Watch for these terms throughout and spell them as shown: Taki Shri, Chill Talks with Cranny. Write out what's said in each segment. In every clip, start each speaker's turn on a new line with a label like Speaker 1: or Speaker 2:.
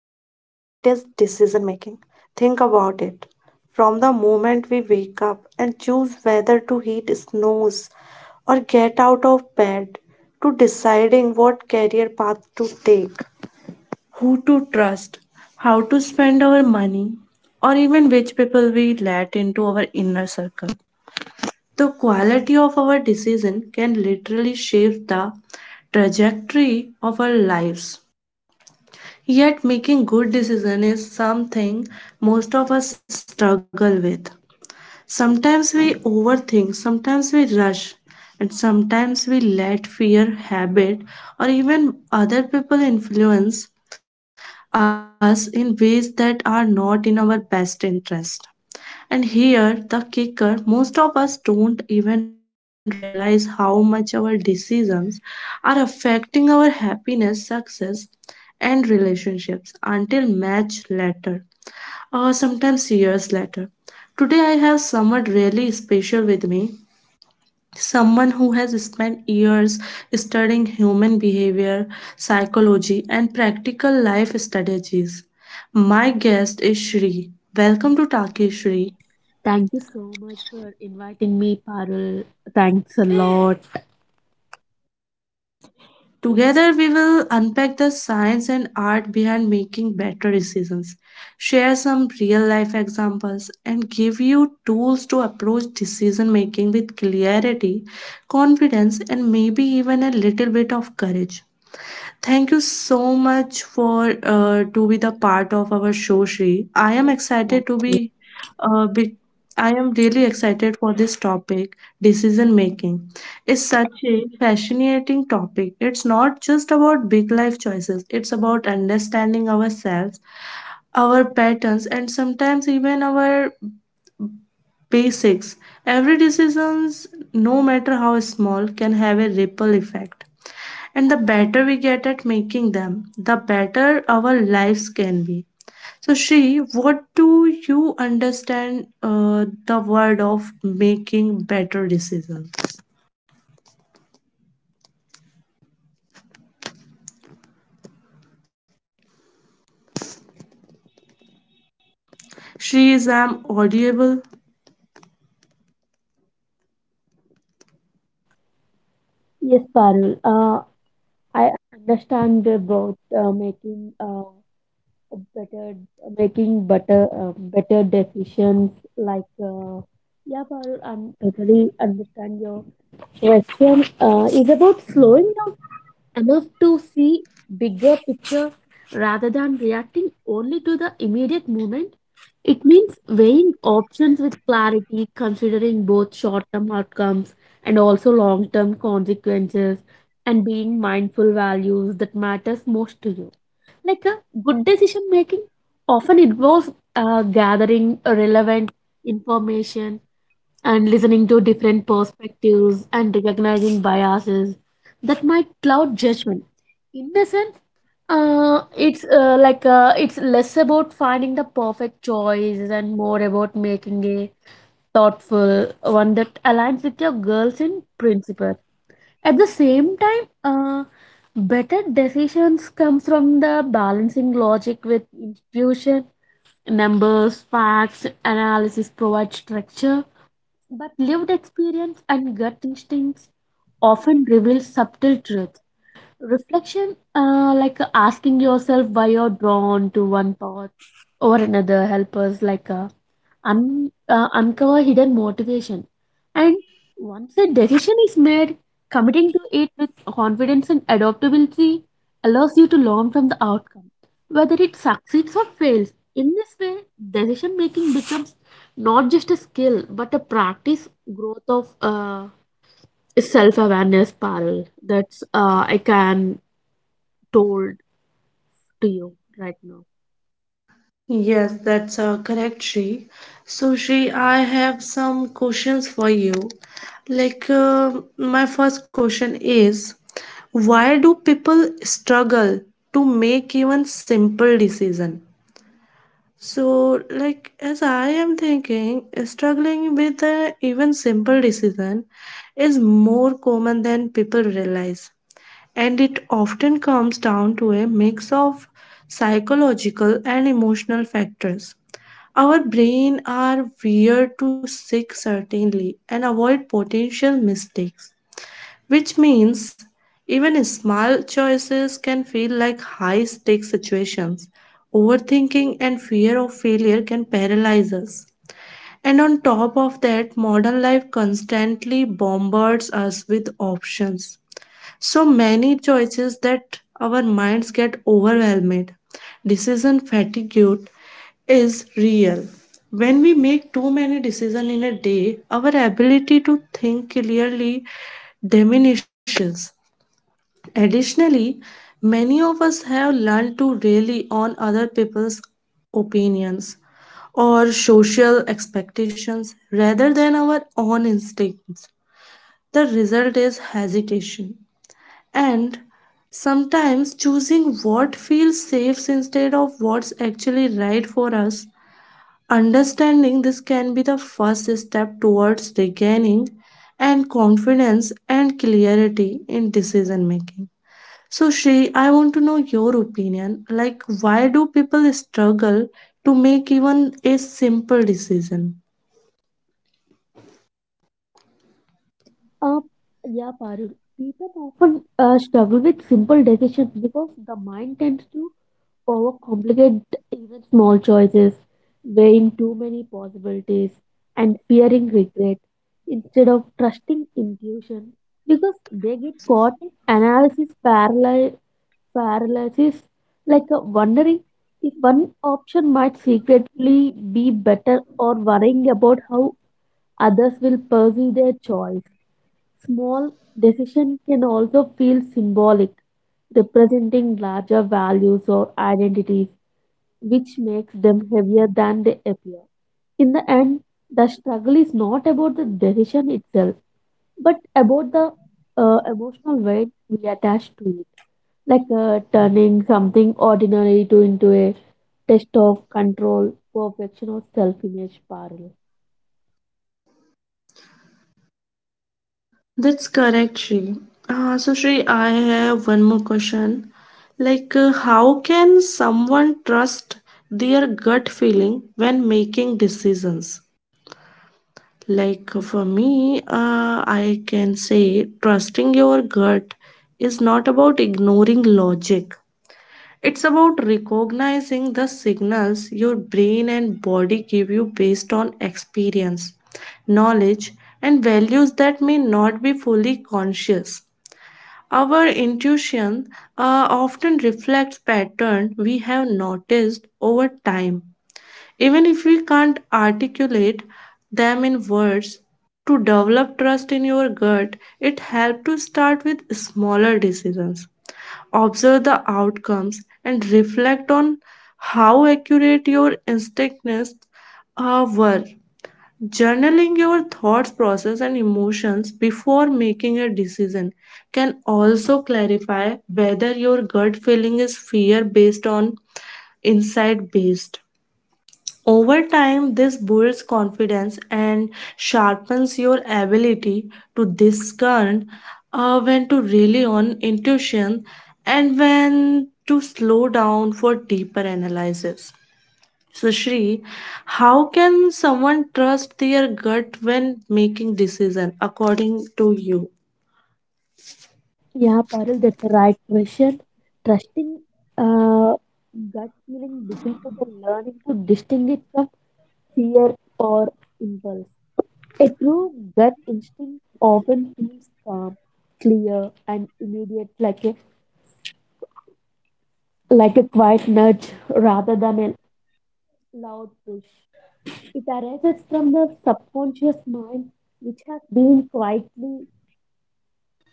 Speaker 1: is decision making. Think about it. From the moment we wake up and choose whether to heat snows or get out of bed, to deciding what career path to take who to trust, how to spend our money, or even which people we let into our inner circle. The quality of our decision can literally shape the trajectory of our lives. Yet making good decision is something most of us struggle with. Sometimes we overthink, sometimes we rush, and sometimes we let fear, habit, or even other people influence us in ways that are not in our best interest. And here, the kicker most of us don't even realize how much our decisions are affecting our happiness, success, and relationships until much later, or sometimes years later. Today, I have someone really special with me. Someone who has spent years studying human behavior, psychology, and practical life strategies. My guest is Shri. Welcome to Taki Shri.
Speaker 2: Thank you so much for inviting me, Parul. Thanks a lot.
Speaker 1: Together, we will unpack the science and art behind making better decisions, share some real life examples, and give you tools to approach decision making with clarity, confidence, and maybe even a little bit of courage. Thank you so much for to be the part of our show, Shri. I am
Speaker 2: Thank
Speaker 1: excited to be,
Speaker 2: you.
Speaker 1: uh, be I am really excited for this topic, decision making. It's such a fascinating topic. It's not just about big life choices. It's about understanding ourselves, our patterns, and sometimes even our basics. Every decisions, no matter how small, can have a ripple effect and the better we get at making them, the better our lives can be. So, Shri, what do you understand the word of making better decisions? Shri, is I'm audible?
Speaker 2: Yes, Parul. I understand about making a better, making better, better decisions. Like, uh, yeah, Parul, I am totally understand your question. Is about slowing down enough to see bigger picture rather than reacting only to the immediate moment. It means weighing options with clarity, considering both short-term outcomes and also long-term consequences, and being mindful values that matters most to you. Like a good decision making often involves gathering relevant information and listening to different perspectives and recognizing biases that might cloud judgment. In a sense, it's less about finding the perfect choice and more about making a thoughtful one that aligns with your goals and principles. At the same time, better decisions come from the balancing logic with intuition. Numbers, facts, analysis provide structure, but lived experience and gut instincts often reveal subtle truths. Reflection, like asking yourself why you're drawn to one path or another, help us uncover hidden motivation. And once a decision is made, committing to it with confidence and adaptability allows you to learn from the outcome, whether it succeeds or fails. In this way, decision making becomes not just a skill but a practice growth of self awareness, Parul. That's I can told to you right now.
Speaker 1: Yes, that's correct, Shri. So, Shri, I have some questions for you. Like, uh, my first question is why do people struggle to make even simple decision? So, like, as I am thinking, struggling with a even simple decision is more common than people realize. And it often comes down to a mix of psychological and emotional factors. Our brain are wired to seek certainty and avoid potential mistakes which means even small choices can feel like high stake situations. Overthinking and fear of failure can paralyze us. And on top of that, modern life constantly bombards us with options so many choices that our minds get overwhelmed. Decision fatigue is real. When we make too many decisions in a day, our ability to think clearly diminishes. Additionally, many of us have learned to rely on other people's opinions or social expectations rather than our own instincts. The result is hesitation and sometimes choosing what feels safe instead of what's actually right for us. Understanding this can be the first step towards regaining and confidence and clarity in decision making. So Shri, I want to know your opinion. Like why do people struggle to make even a simple decision?
Speaker 2: Uh, yeah, Parul. People often struggle with simple decisions because the mind tends to overcomplicate even small choices, weighing too many possibilities and fearing regret instead of trusting intuition, because they get caught in paralysis, wondering if one option might secretly be better or worrying about how others will perceive their choice. Small decision can also feel symbolic, representing larger values or identities, which makes them heavier than they appear. In the end, the struggle is not about the decision itself, but about the emotional weight we attach to it, turning something ordinary to into a test of control, perfection, or self-image parallel.
Speaker 1: That's correct, Shri. So, Shri, I have one more question. How can someone trust their gut feeling when making decisions? Like, for me, I can say trusting your gut is not about ignoring logic. It's about recognizing the signals your brain and body give you based on experience, knowledge, and values that may not be fully conscious. Our intuition often reflects patterns we have noticed over time, even if we can't articulate them in words. To develop trust in your gut, it helps to start with smaller decisions. Observe the outcomes and reflect on how accurate your instincts were. Journaling your thoughts, process, and emotions before making a decision can also clarify whether your gut feeling is fear based on insight based. Over time, this builds confidence and sharpens your ability to discern when to rely on intuition and when to slow down for deeper analysis. So, Shri, how can someone trust their gut when making decision according to you?
Speaker 2: Yeah, Parul, that's the right question. Trusting uh, gut feeling begins with the learning to distinguish from fear or impulse. A true gut instinct often feels calm, clear, and immediate, like a quiet nudge rather than a loud push. It arises from the subconscious mind, which has been quietly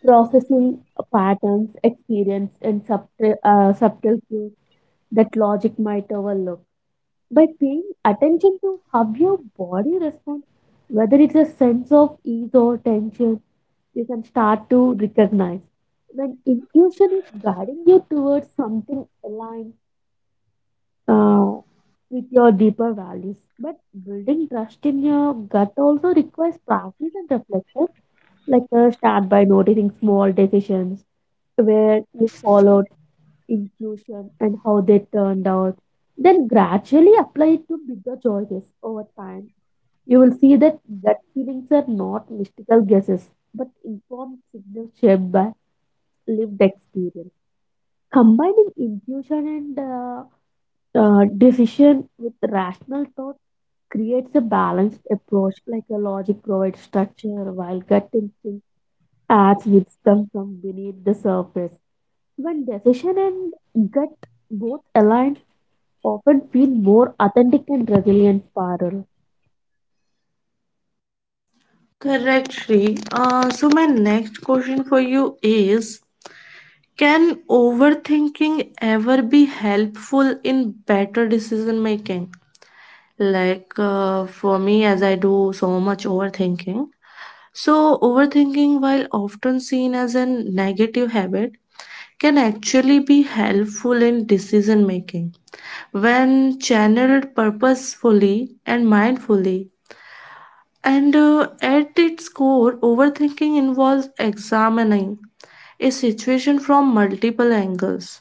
Speaker 2: processing patterns, experience, and subtle cues that logic might overlook. By paying attention to how your body responds, whether it's a sense of ease or tension, you can start to recognize when intuition is guiding you towards something aligned uh, with your deeper values. But building trust in your gut also requires practice and reflection, start by noticing small decisions where you follow intuition and how they turned out. Then gradually apply it to bigger choices over time. You will see that gut feelings are not mystical guesses, but informed signals shaped by lived experience. Combining intuition and decision with rational thought creates a balanced approach, like a logic provides structure, while gut instinct adds wisdom from beneath the surface. When decision and gut both align, often feel more authentic and resilient, Parul.
Speaker 1: Correct, Shri. So, my next question for you is can overthinking ever be helpful in better decision making? For me, as I do so much overthinking. So, overthinking, while often seen as a negative habit, can actually be helpful in decision making when channeled purposefully and mindfully. And at its core, overthinking involves examining a situation from multiple angles,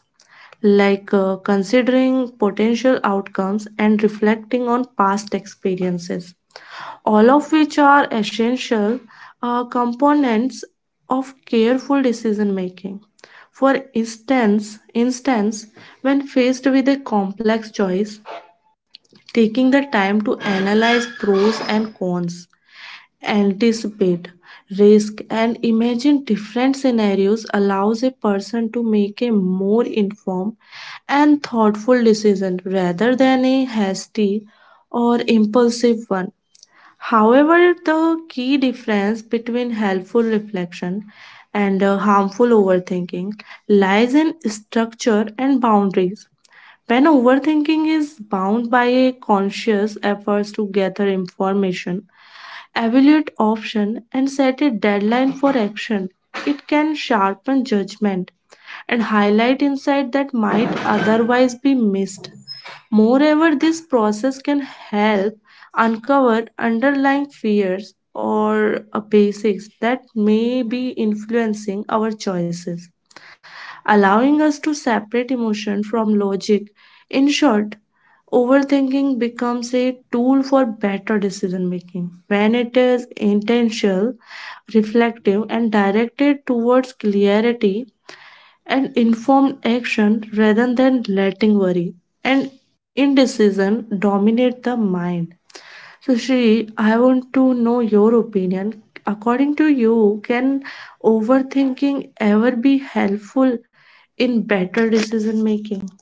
Speaker 1: considering potential outcomes and reflecting on past experiences, all of which are essential components of careful decision making. For instance, when faced with a complex choice, taking the time to analyze pros and cons, anticipate risk, and imagine different scenarios allows a person to make a more informed and thoughtful decision rather than a hasty or impulsive one. However, the key difference between helpful reflection and harmful overthinking lies in structure and boundaries. When overthinking is bound by a conscious efforts to gather information, evaluate option and set a deadline for action, it can sharpen judgment and highlight insight that might otherwise be missed. Moreover, this process can help uncover underlying fears or basics that may be influencing our choices allowing us to separate emotion from logic. In short, overthinking becomes a tool for better decision making when it is intentional, reflective, and directed towards clarity and informed action rather than letting worry and indecision dominate the mind. So, Shri, I want to know your opinion. According to you, can overthinking ever be helpful in better decision making?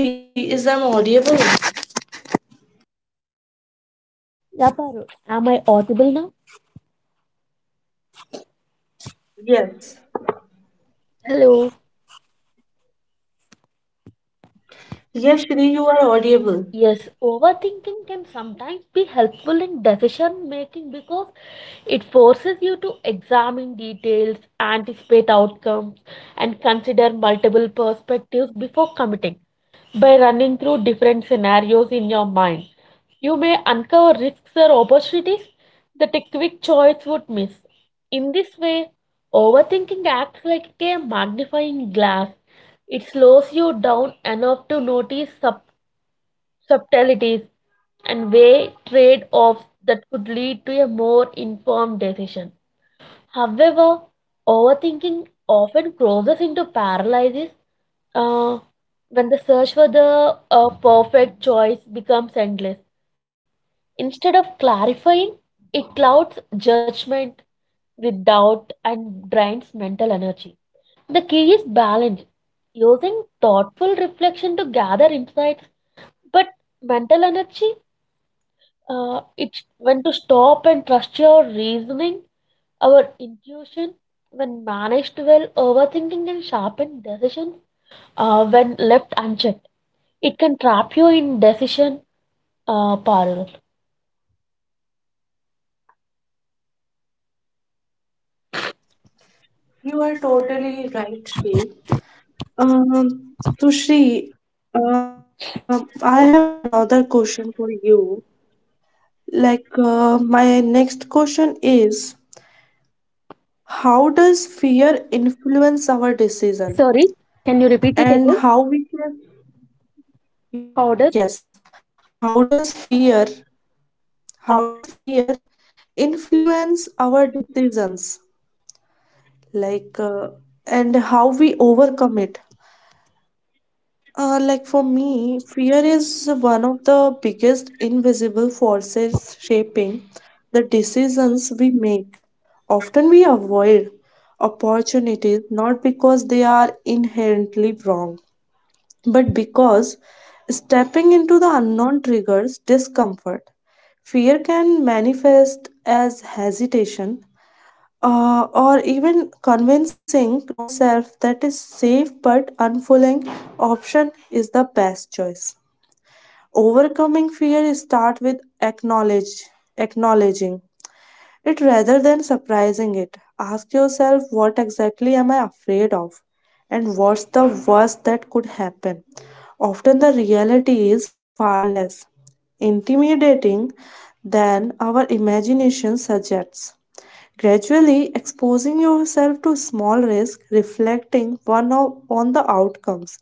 Speaker 1: Shri, is I'm audible?
Speaker 2: Yeah, Parul. Am I audible now?
Speaker 1: Yes.
Speaker 2: Hello.
Speaker 1: Yes, Shri, you are audible.
Speaker 2: Yes, overthinking can sometimes be helpful in decision making because it forces you to examine details, anticipate outcomes, and consider multiple perspectives before committing. By running through different scenarios in your mind, you may uncover risks or opportunities that a quick choice would miss. In this way, overthinking acts like a magnifying glass. It slows you down enough to notice subtleties and weigh trade offs that could lead to a more informed decision. However, overthinking often crosses into paralysis uh, when the search for the perfect choice becomes endless. Instead of clarifying, it clouds judgment with doubt and drains mental energy. The key is balance, using thoughtful reflection to gather insights, but mental energy, it's when to stop and trust your reasoning, our intuition. When managed well, overthinking can sharpen decisions when left unchecked. It can trap you in decision parallel.
Speaker 1: You are totally right, Shri. Um, so, Shri, I have another question for you. My next question is how does fear influence our decision?
Speaker 2: Sorry, can you repeat it again?
Speaker 1: And how we can,
Speaker 2: How
Speaker 1: yes, how does
Speaker 2: uh,
Speaker 1: fear influence our decisions? Like, uh, and how we overcome it? Like for me, fear is one of the biggest invisible forces shaping the decisions we make. Often we avoid opportunities not because they are inherently wrong, but because stepping into the unknown triggers discomfort. Fear can manifest as hesitation, or even convincing ourselves that a safe but unfulfilling option is the best choice. Overcoming fear start with acknowledging it rather than surprising it. Ask yourself what exactly am I afraid of and what's the worst that could happen. Often the reality is far less intimidating than our imagination suggests gradually exposing yourself to small risks, reflecting on the outcomes,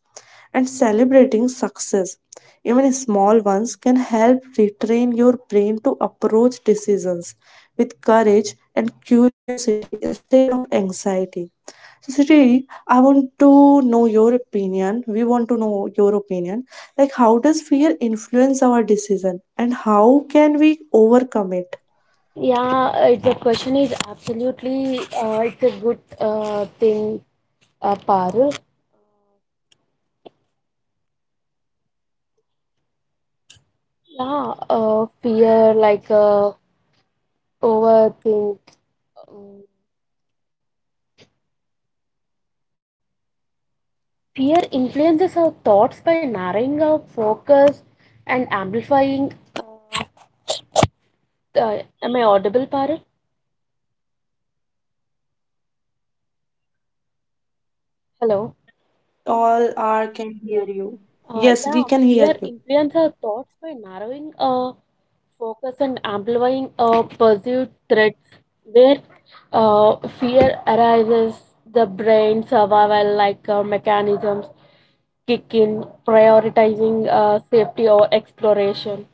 Speaker 1: and celebrating success. Even small ones can help retrain your brain to approach decisions with courage and curiosity instead of anxiety. So, Sri, I want to know your opinion. We want to know your opinion. Like, how does fear influence our decision, and how can we overcome it?
Speaker 2: yeah, it's the question is absolutely it's a good thing, Parul. Yeah, fear overthink. um, Fear influences our thoughts by narrowing our focus and amplifying. Uh, am I audible, Parul? Hello.
Speaker 1: Yes, Shri, we all are can hear
Speaker 2: Yes.
Speaker 1: you. Yes,
Speaker 2: Yeah,
Speaker 1: we can hear
Speaker 2: fear
Speaker 1: you.
Speaker 2: influences our thoughts by narrowing focus and amplifying perceived threats. Where fear arises, the brain survival mechanisms kick in, prioritizing safety over exploration.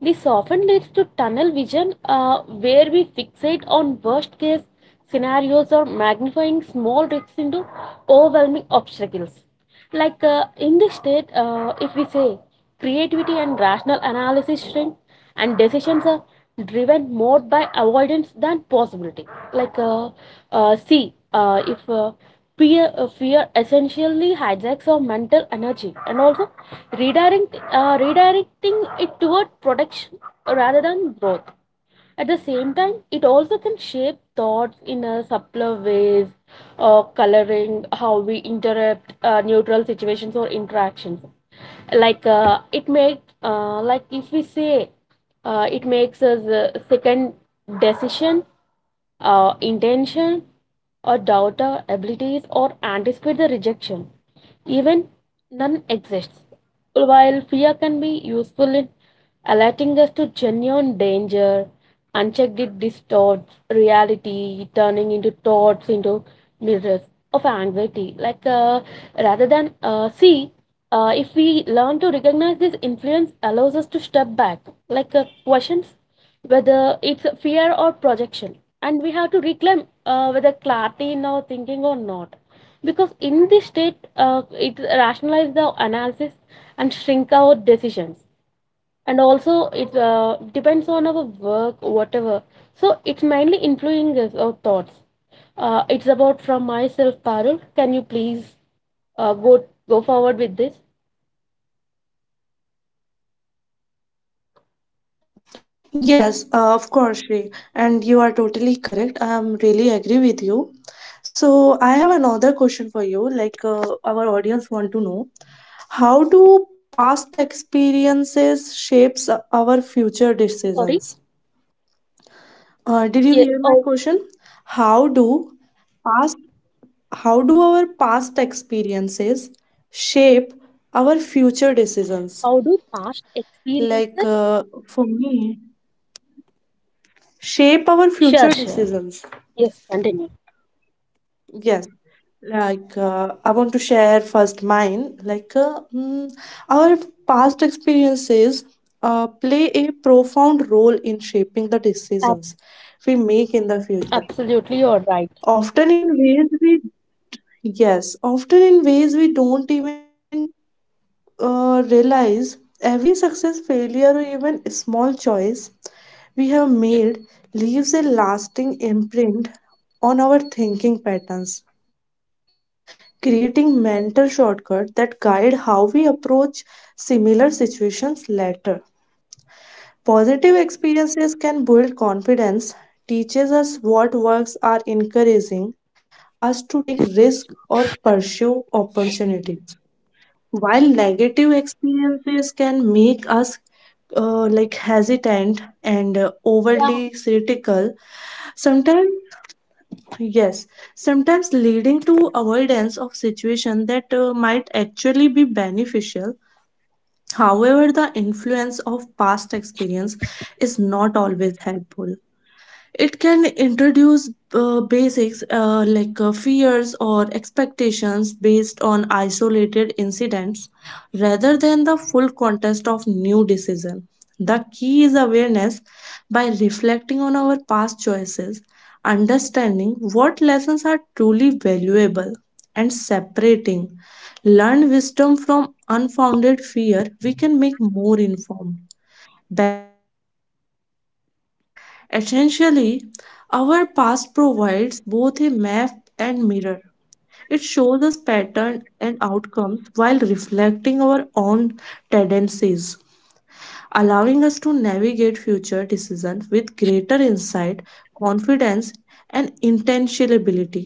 Speaker 2: This often leads to tunnel vision, where we fixate on worst case scenarios or magnifying small risks into overwhelming obstacles. In this state, if we say creativity and rational analysis shrink, and decisions are driven more by avoidance than possibility. Like see if fear, Fear essentially hijacks our mental energy and also redirecting it toward protection rather than growth. At the same time, it also can shape thoughts in a subtler ways, coloring how we interrupt neutral situations or interactions. Like it make like if we say It makes us second decision, intention, or doubt our abilities or anticipate the rejection even none exists. While fear can be useful in alerting us to genuine danger, unchecked it distorts reality, turning into thoughts into mirrors of anxiety. Like rather than see If we learn to recognize this influence, allows us to step back, questions whether it's fear or projection, and we have to reclaim whether clarity in our thinking or not, because in this state, it rationalizes the analysis and shrink our decisions, and also it depends on our work, whatever. So it's mainly influencing our thoughts. It's about from myself, Parul. Can you please uh, go go forward with this?
Speaker 1: Yes, of course, Shri, and you are totally correct. I am really agree with you. So I have another question for you. Our audience want to know, how do past experiences shapes our future
Speaker 2: Sorry.
Speaker 1: decisions? Did you
Speaker 2: Yeah,
Speaker 1: hear my
Speaker 2: oh,
Speaker 1: question? How do past past experiences shape our future decisions?
Speaker 2: how do past experiences
Speaker 1: For me, shape our future
Speaker 2: sure,
Speaker 1: decisions.
Speaker 2: yes, continue.
Speaker 1: Yes. I want to share first mine. Our past experiences play a profound role in shaping the
Speaker 2: Ab-
Speaker 1: decisions we make in the future.
Speaker 2: Absolutely, you're right.
Speaker 1: Often in ways often in ways we don't even realize every success, failure, or even small choice we have made leaves a lasting imprint on our thinking patterns, creating mental shortcuts that guide how we approach similar situations later. Positive experiences can build confidence, teaches us what works are encouraging us to take risk or pursue opportunities. While negative experiences can make us like hesitant and
Speaker 2: Yeah.
Speaker 1: overly critical, sometimes yes, sometimes leading to avoidance of situation that might actually be beneficial. However, the influence of past experience is not always helpful. It can introduce basics fears or expectations based on isolated incidents rather than the full context of new decision. The key is awareness by reflecting on our past choices, understanding what lessons are truly valuable, and separating learned wisdom from unfounded fear, we can make more informed, balanced decisions. Essentially, our past provides both a map and mirror. It shows us patterns and outcomes while reflecting our own tendencies, allowing us to navigate future decisions with greater insight, confidence, and intentionality.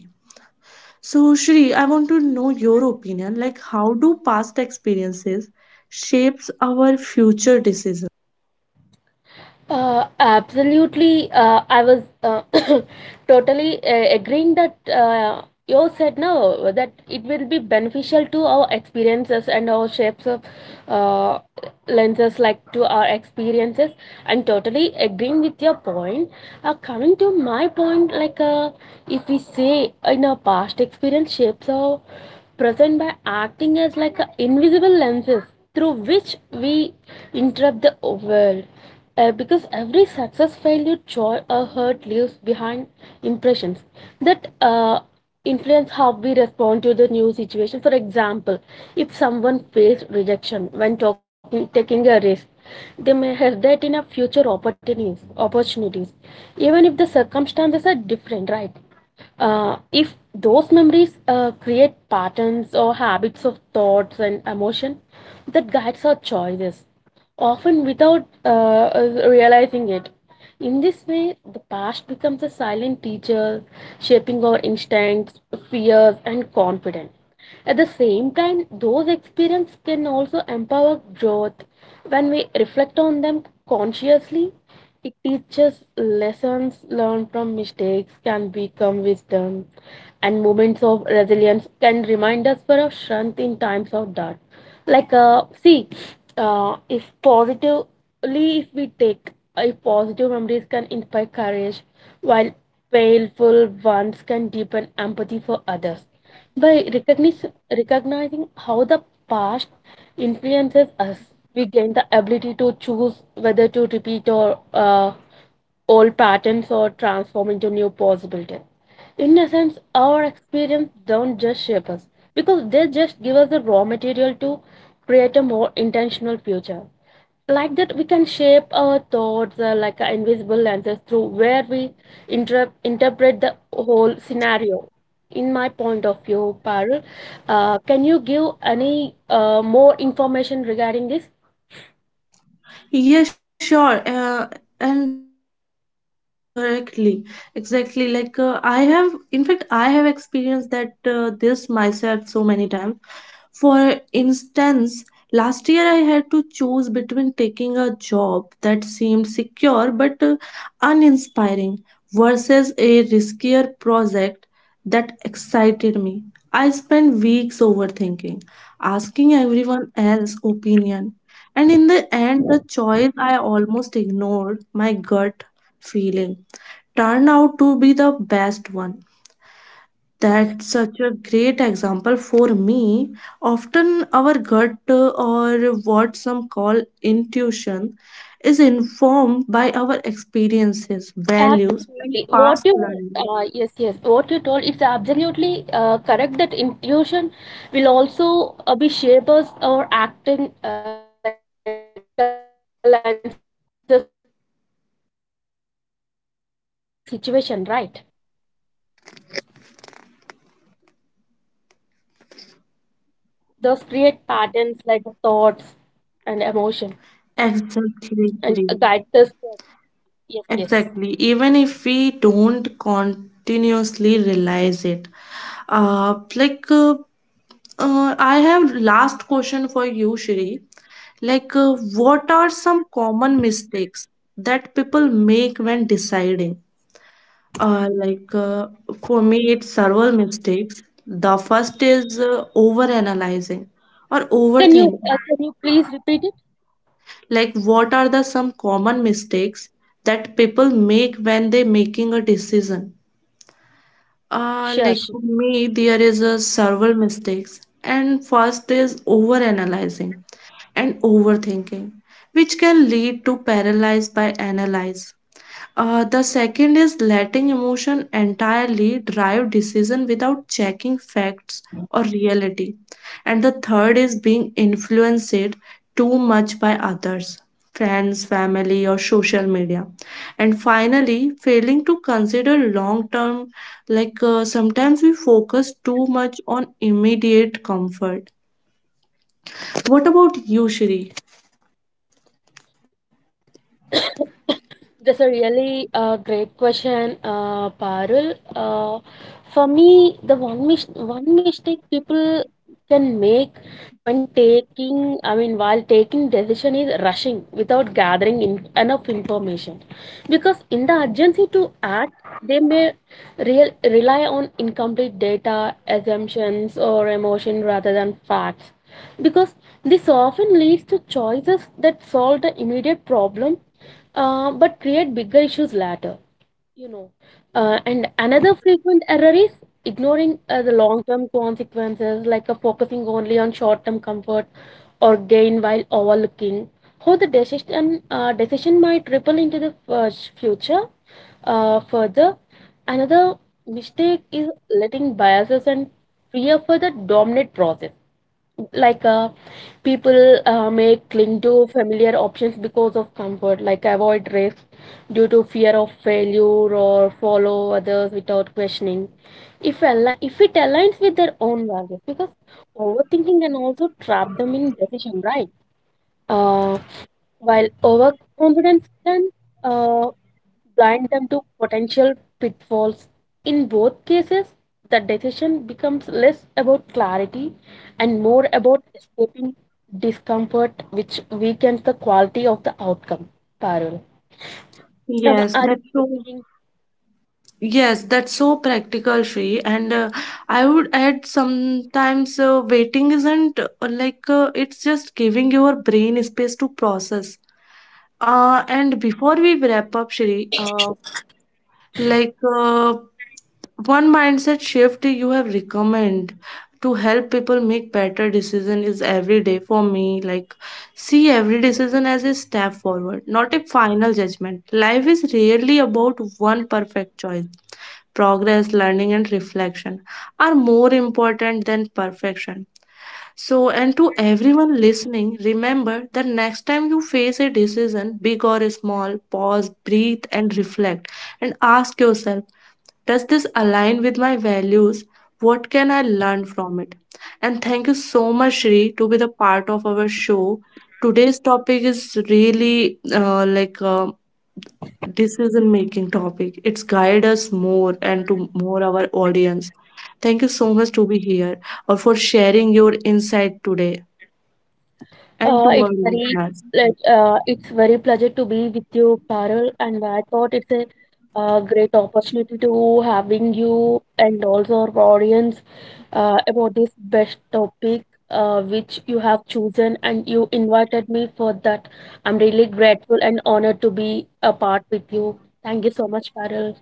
Speaker 1: So, Shri, I want to know your opinion. Like, how do past experiences shapes our future decisions?
Speaker 2: Absolutely. I was totally agreeing that you said no, that it will be beneficial to our experiences and our shapes of uh, lenses, like to our experiences. I'm totally agreeing with your point. Coming to my point, if we say in our past experience, shapes are present by acting as invisible lenses through which we interrupt the world, because every success, failure, joy, or hurt leaves behind impressions that influence how we respond to the new situation. For example, if someone faced rejection when talking, taking a risk, they may hesitate in a future opportunities, even if the circumstances are different, right? If those memories create patterns or habits of thoughts and emotion that guides our choices, often without us realizing it. In this way, the past becomes a silent teacher, shaping our instincts, fears, and confidence. At the same time, those experiences can also empower growth when we reflect on them consciously. It teaches lessons learned from mistakes can become wisdom, and moments of resilience can remind us for our strength in times of doubt. Like, uh, see, if positively, if we take if positive memories can inspire courage, while painful ones can deepen empathy for others. By recognizing how the past influences us, we gain the ability to choose whether to repeat or old patterns or transform into new possibilities. In a sense, our experience don't just shape us because they just give us the raw material to create a more intentional future, like that we can shape our thoughts like an invisible lenses through where we interpret the whole scenario, in my point of view, Parul. Can you give any more information regarding this?
Speaker 1: Yeah, sure. And you said correctly, exactly. I have, in fact, I have experienced that this myself so many times. For instance, last year I had to choose between taking a job that seemed secure but uninspiring versus a riskier project that excited me. I spent weeks overthinking, asking everyone else's opinion and in the end, the choice I almost ignored, my gut feeling, turned out to be the best one. That's such a great example for me. Often, our gut, or what some call intuition, is informed by our experiences, values, and
Speaker 2: Absolutely what
Speaker 1: past
Speaker 2: you
Speaker 1: learning.
Speaker 2: yes, yes, what you told, it's absolutely correct that intuition will also be shapers or acting like a lenses through where we interpret every situation, right? Those create patterns like thoughts and emotion and guide the search.
Speaker 1: Exactly.
Speaker 2: Yes, yes.
Speaker 1: Exactly. Even if we don't continuously realize it uh, like uh, I have last question for you, Shri. Like, uh, what are some common mistakes that people make when deciding? Uh, like, uh, for me, it's several mistakes. The first is overanalyzing or overthinking.
Speaker 2: Can you please repeat it?
Speaker 1: Like, what are the some common mistakes that people make when they making a decision?
Speaker 2: Sure,
Speaker 1: Like
Speaker 2: sure.
Speaker 1: for me, there is a several mistakes, and first is overanalyzing and overthinking, which can lead to paralyzed by analyze. The second is letting emotion entirely drive decision without checking facts or reality. And the third is being influenced too much by others, friends, family, or social media. And finally, failing to consider long term, sometimes we focus too much on immediate comfort. What about you, Shri?
Speaker 2: That's a really great question, Parul. For me, the one mis one mistake people can make when taking, I mean, while taking decision is rushing without gathering in enough information. Because in the urgency to act, they may real rely on incomplete data, assumptions, or emotion rather than facts. Because this often leads to choices that solve the immediate problem but create bigger issues later, you know. And another frequent error is ignoring the long term consequences, focusing only on short term comfort or gain while overlooking how the decision might ripple into the future further. Another mistake is letting biases and fear for the dominant process, like uh, people may cling to familiar options because of comfort, like avoid risks due to fear of failure or follow others without questioning if if it aligns with their own values, because overthinking can also trap them in decision, right? uh, while overconfidence can uh, blind them to potential pitfalls. In both cases, the decision becomes less about clarity and more about escaping discomfort, which weakens the quality of the outcome. Parul,
Speaker 1: Yes,
Speaker 2: are you
Speaker 1: that's so.
Speaker 2: agreeing?
Speaker 1: Yes, that's so practical, Shri. And I would add sometimes waiting isn't, it's just giving your brain space to process. And before we wrap up, Shri, like uh, one mindset shift you have recommend to help people make better decision is every day for me like see every decision as a step forward not a final judgment life is rarely about one perfect choice progress learning and reflection are more important than perfection so, and to everyone listening, remember that next time you face a decision, big or small, pause, breathe, and reflect and ask yourself does this align with my values? What can I learn from it? And thank you so much, Shri, to be the part of our show. Today's topic is really like a decision making topic. It's guide us more and to more our audience. Thank you so much to be here or for sharing your insight today and to
Speaker 2: It's
Speaker 1: our
Speaker 2: very
Speaker 1: listeners.
Speaker 2: it's very pleasure to be with you, Carol, and I thought it's a great opportunity to having you and also our audience about this best topic which you have chosen and you invited me for that. I'm really grateful and honored to be a part with you. Thank you so much, Carol.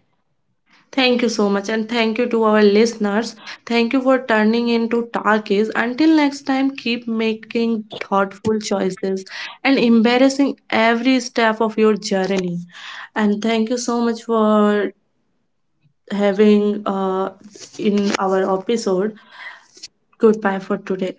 Speaker 1: Thank you so much, and thank you to our listeners. Thank you for turning into Talkies. Until next time, keep making thoughtful choices and embarrassing every step of your journey. And thank you so much for having in our episode. Goodbye for today.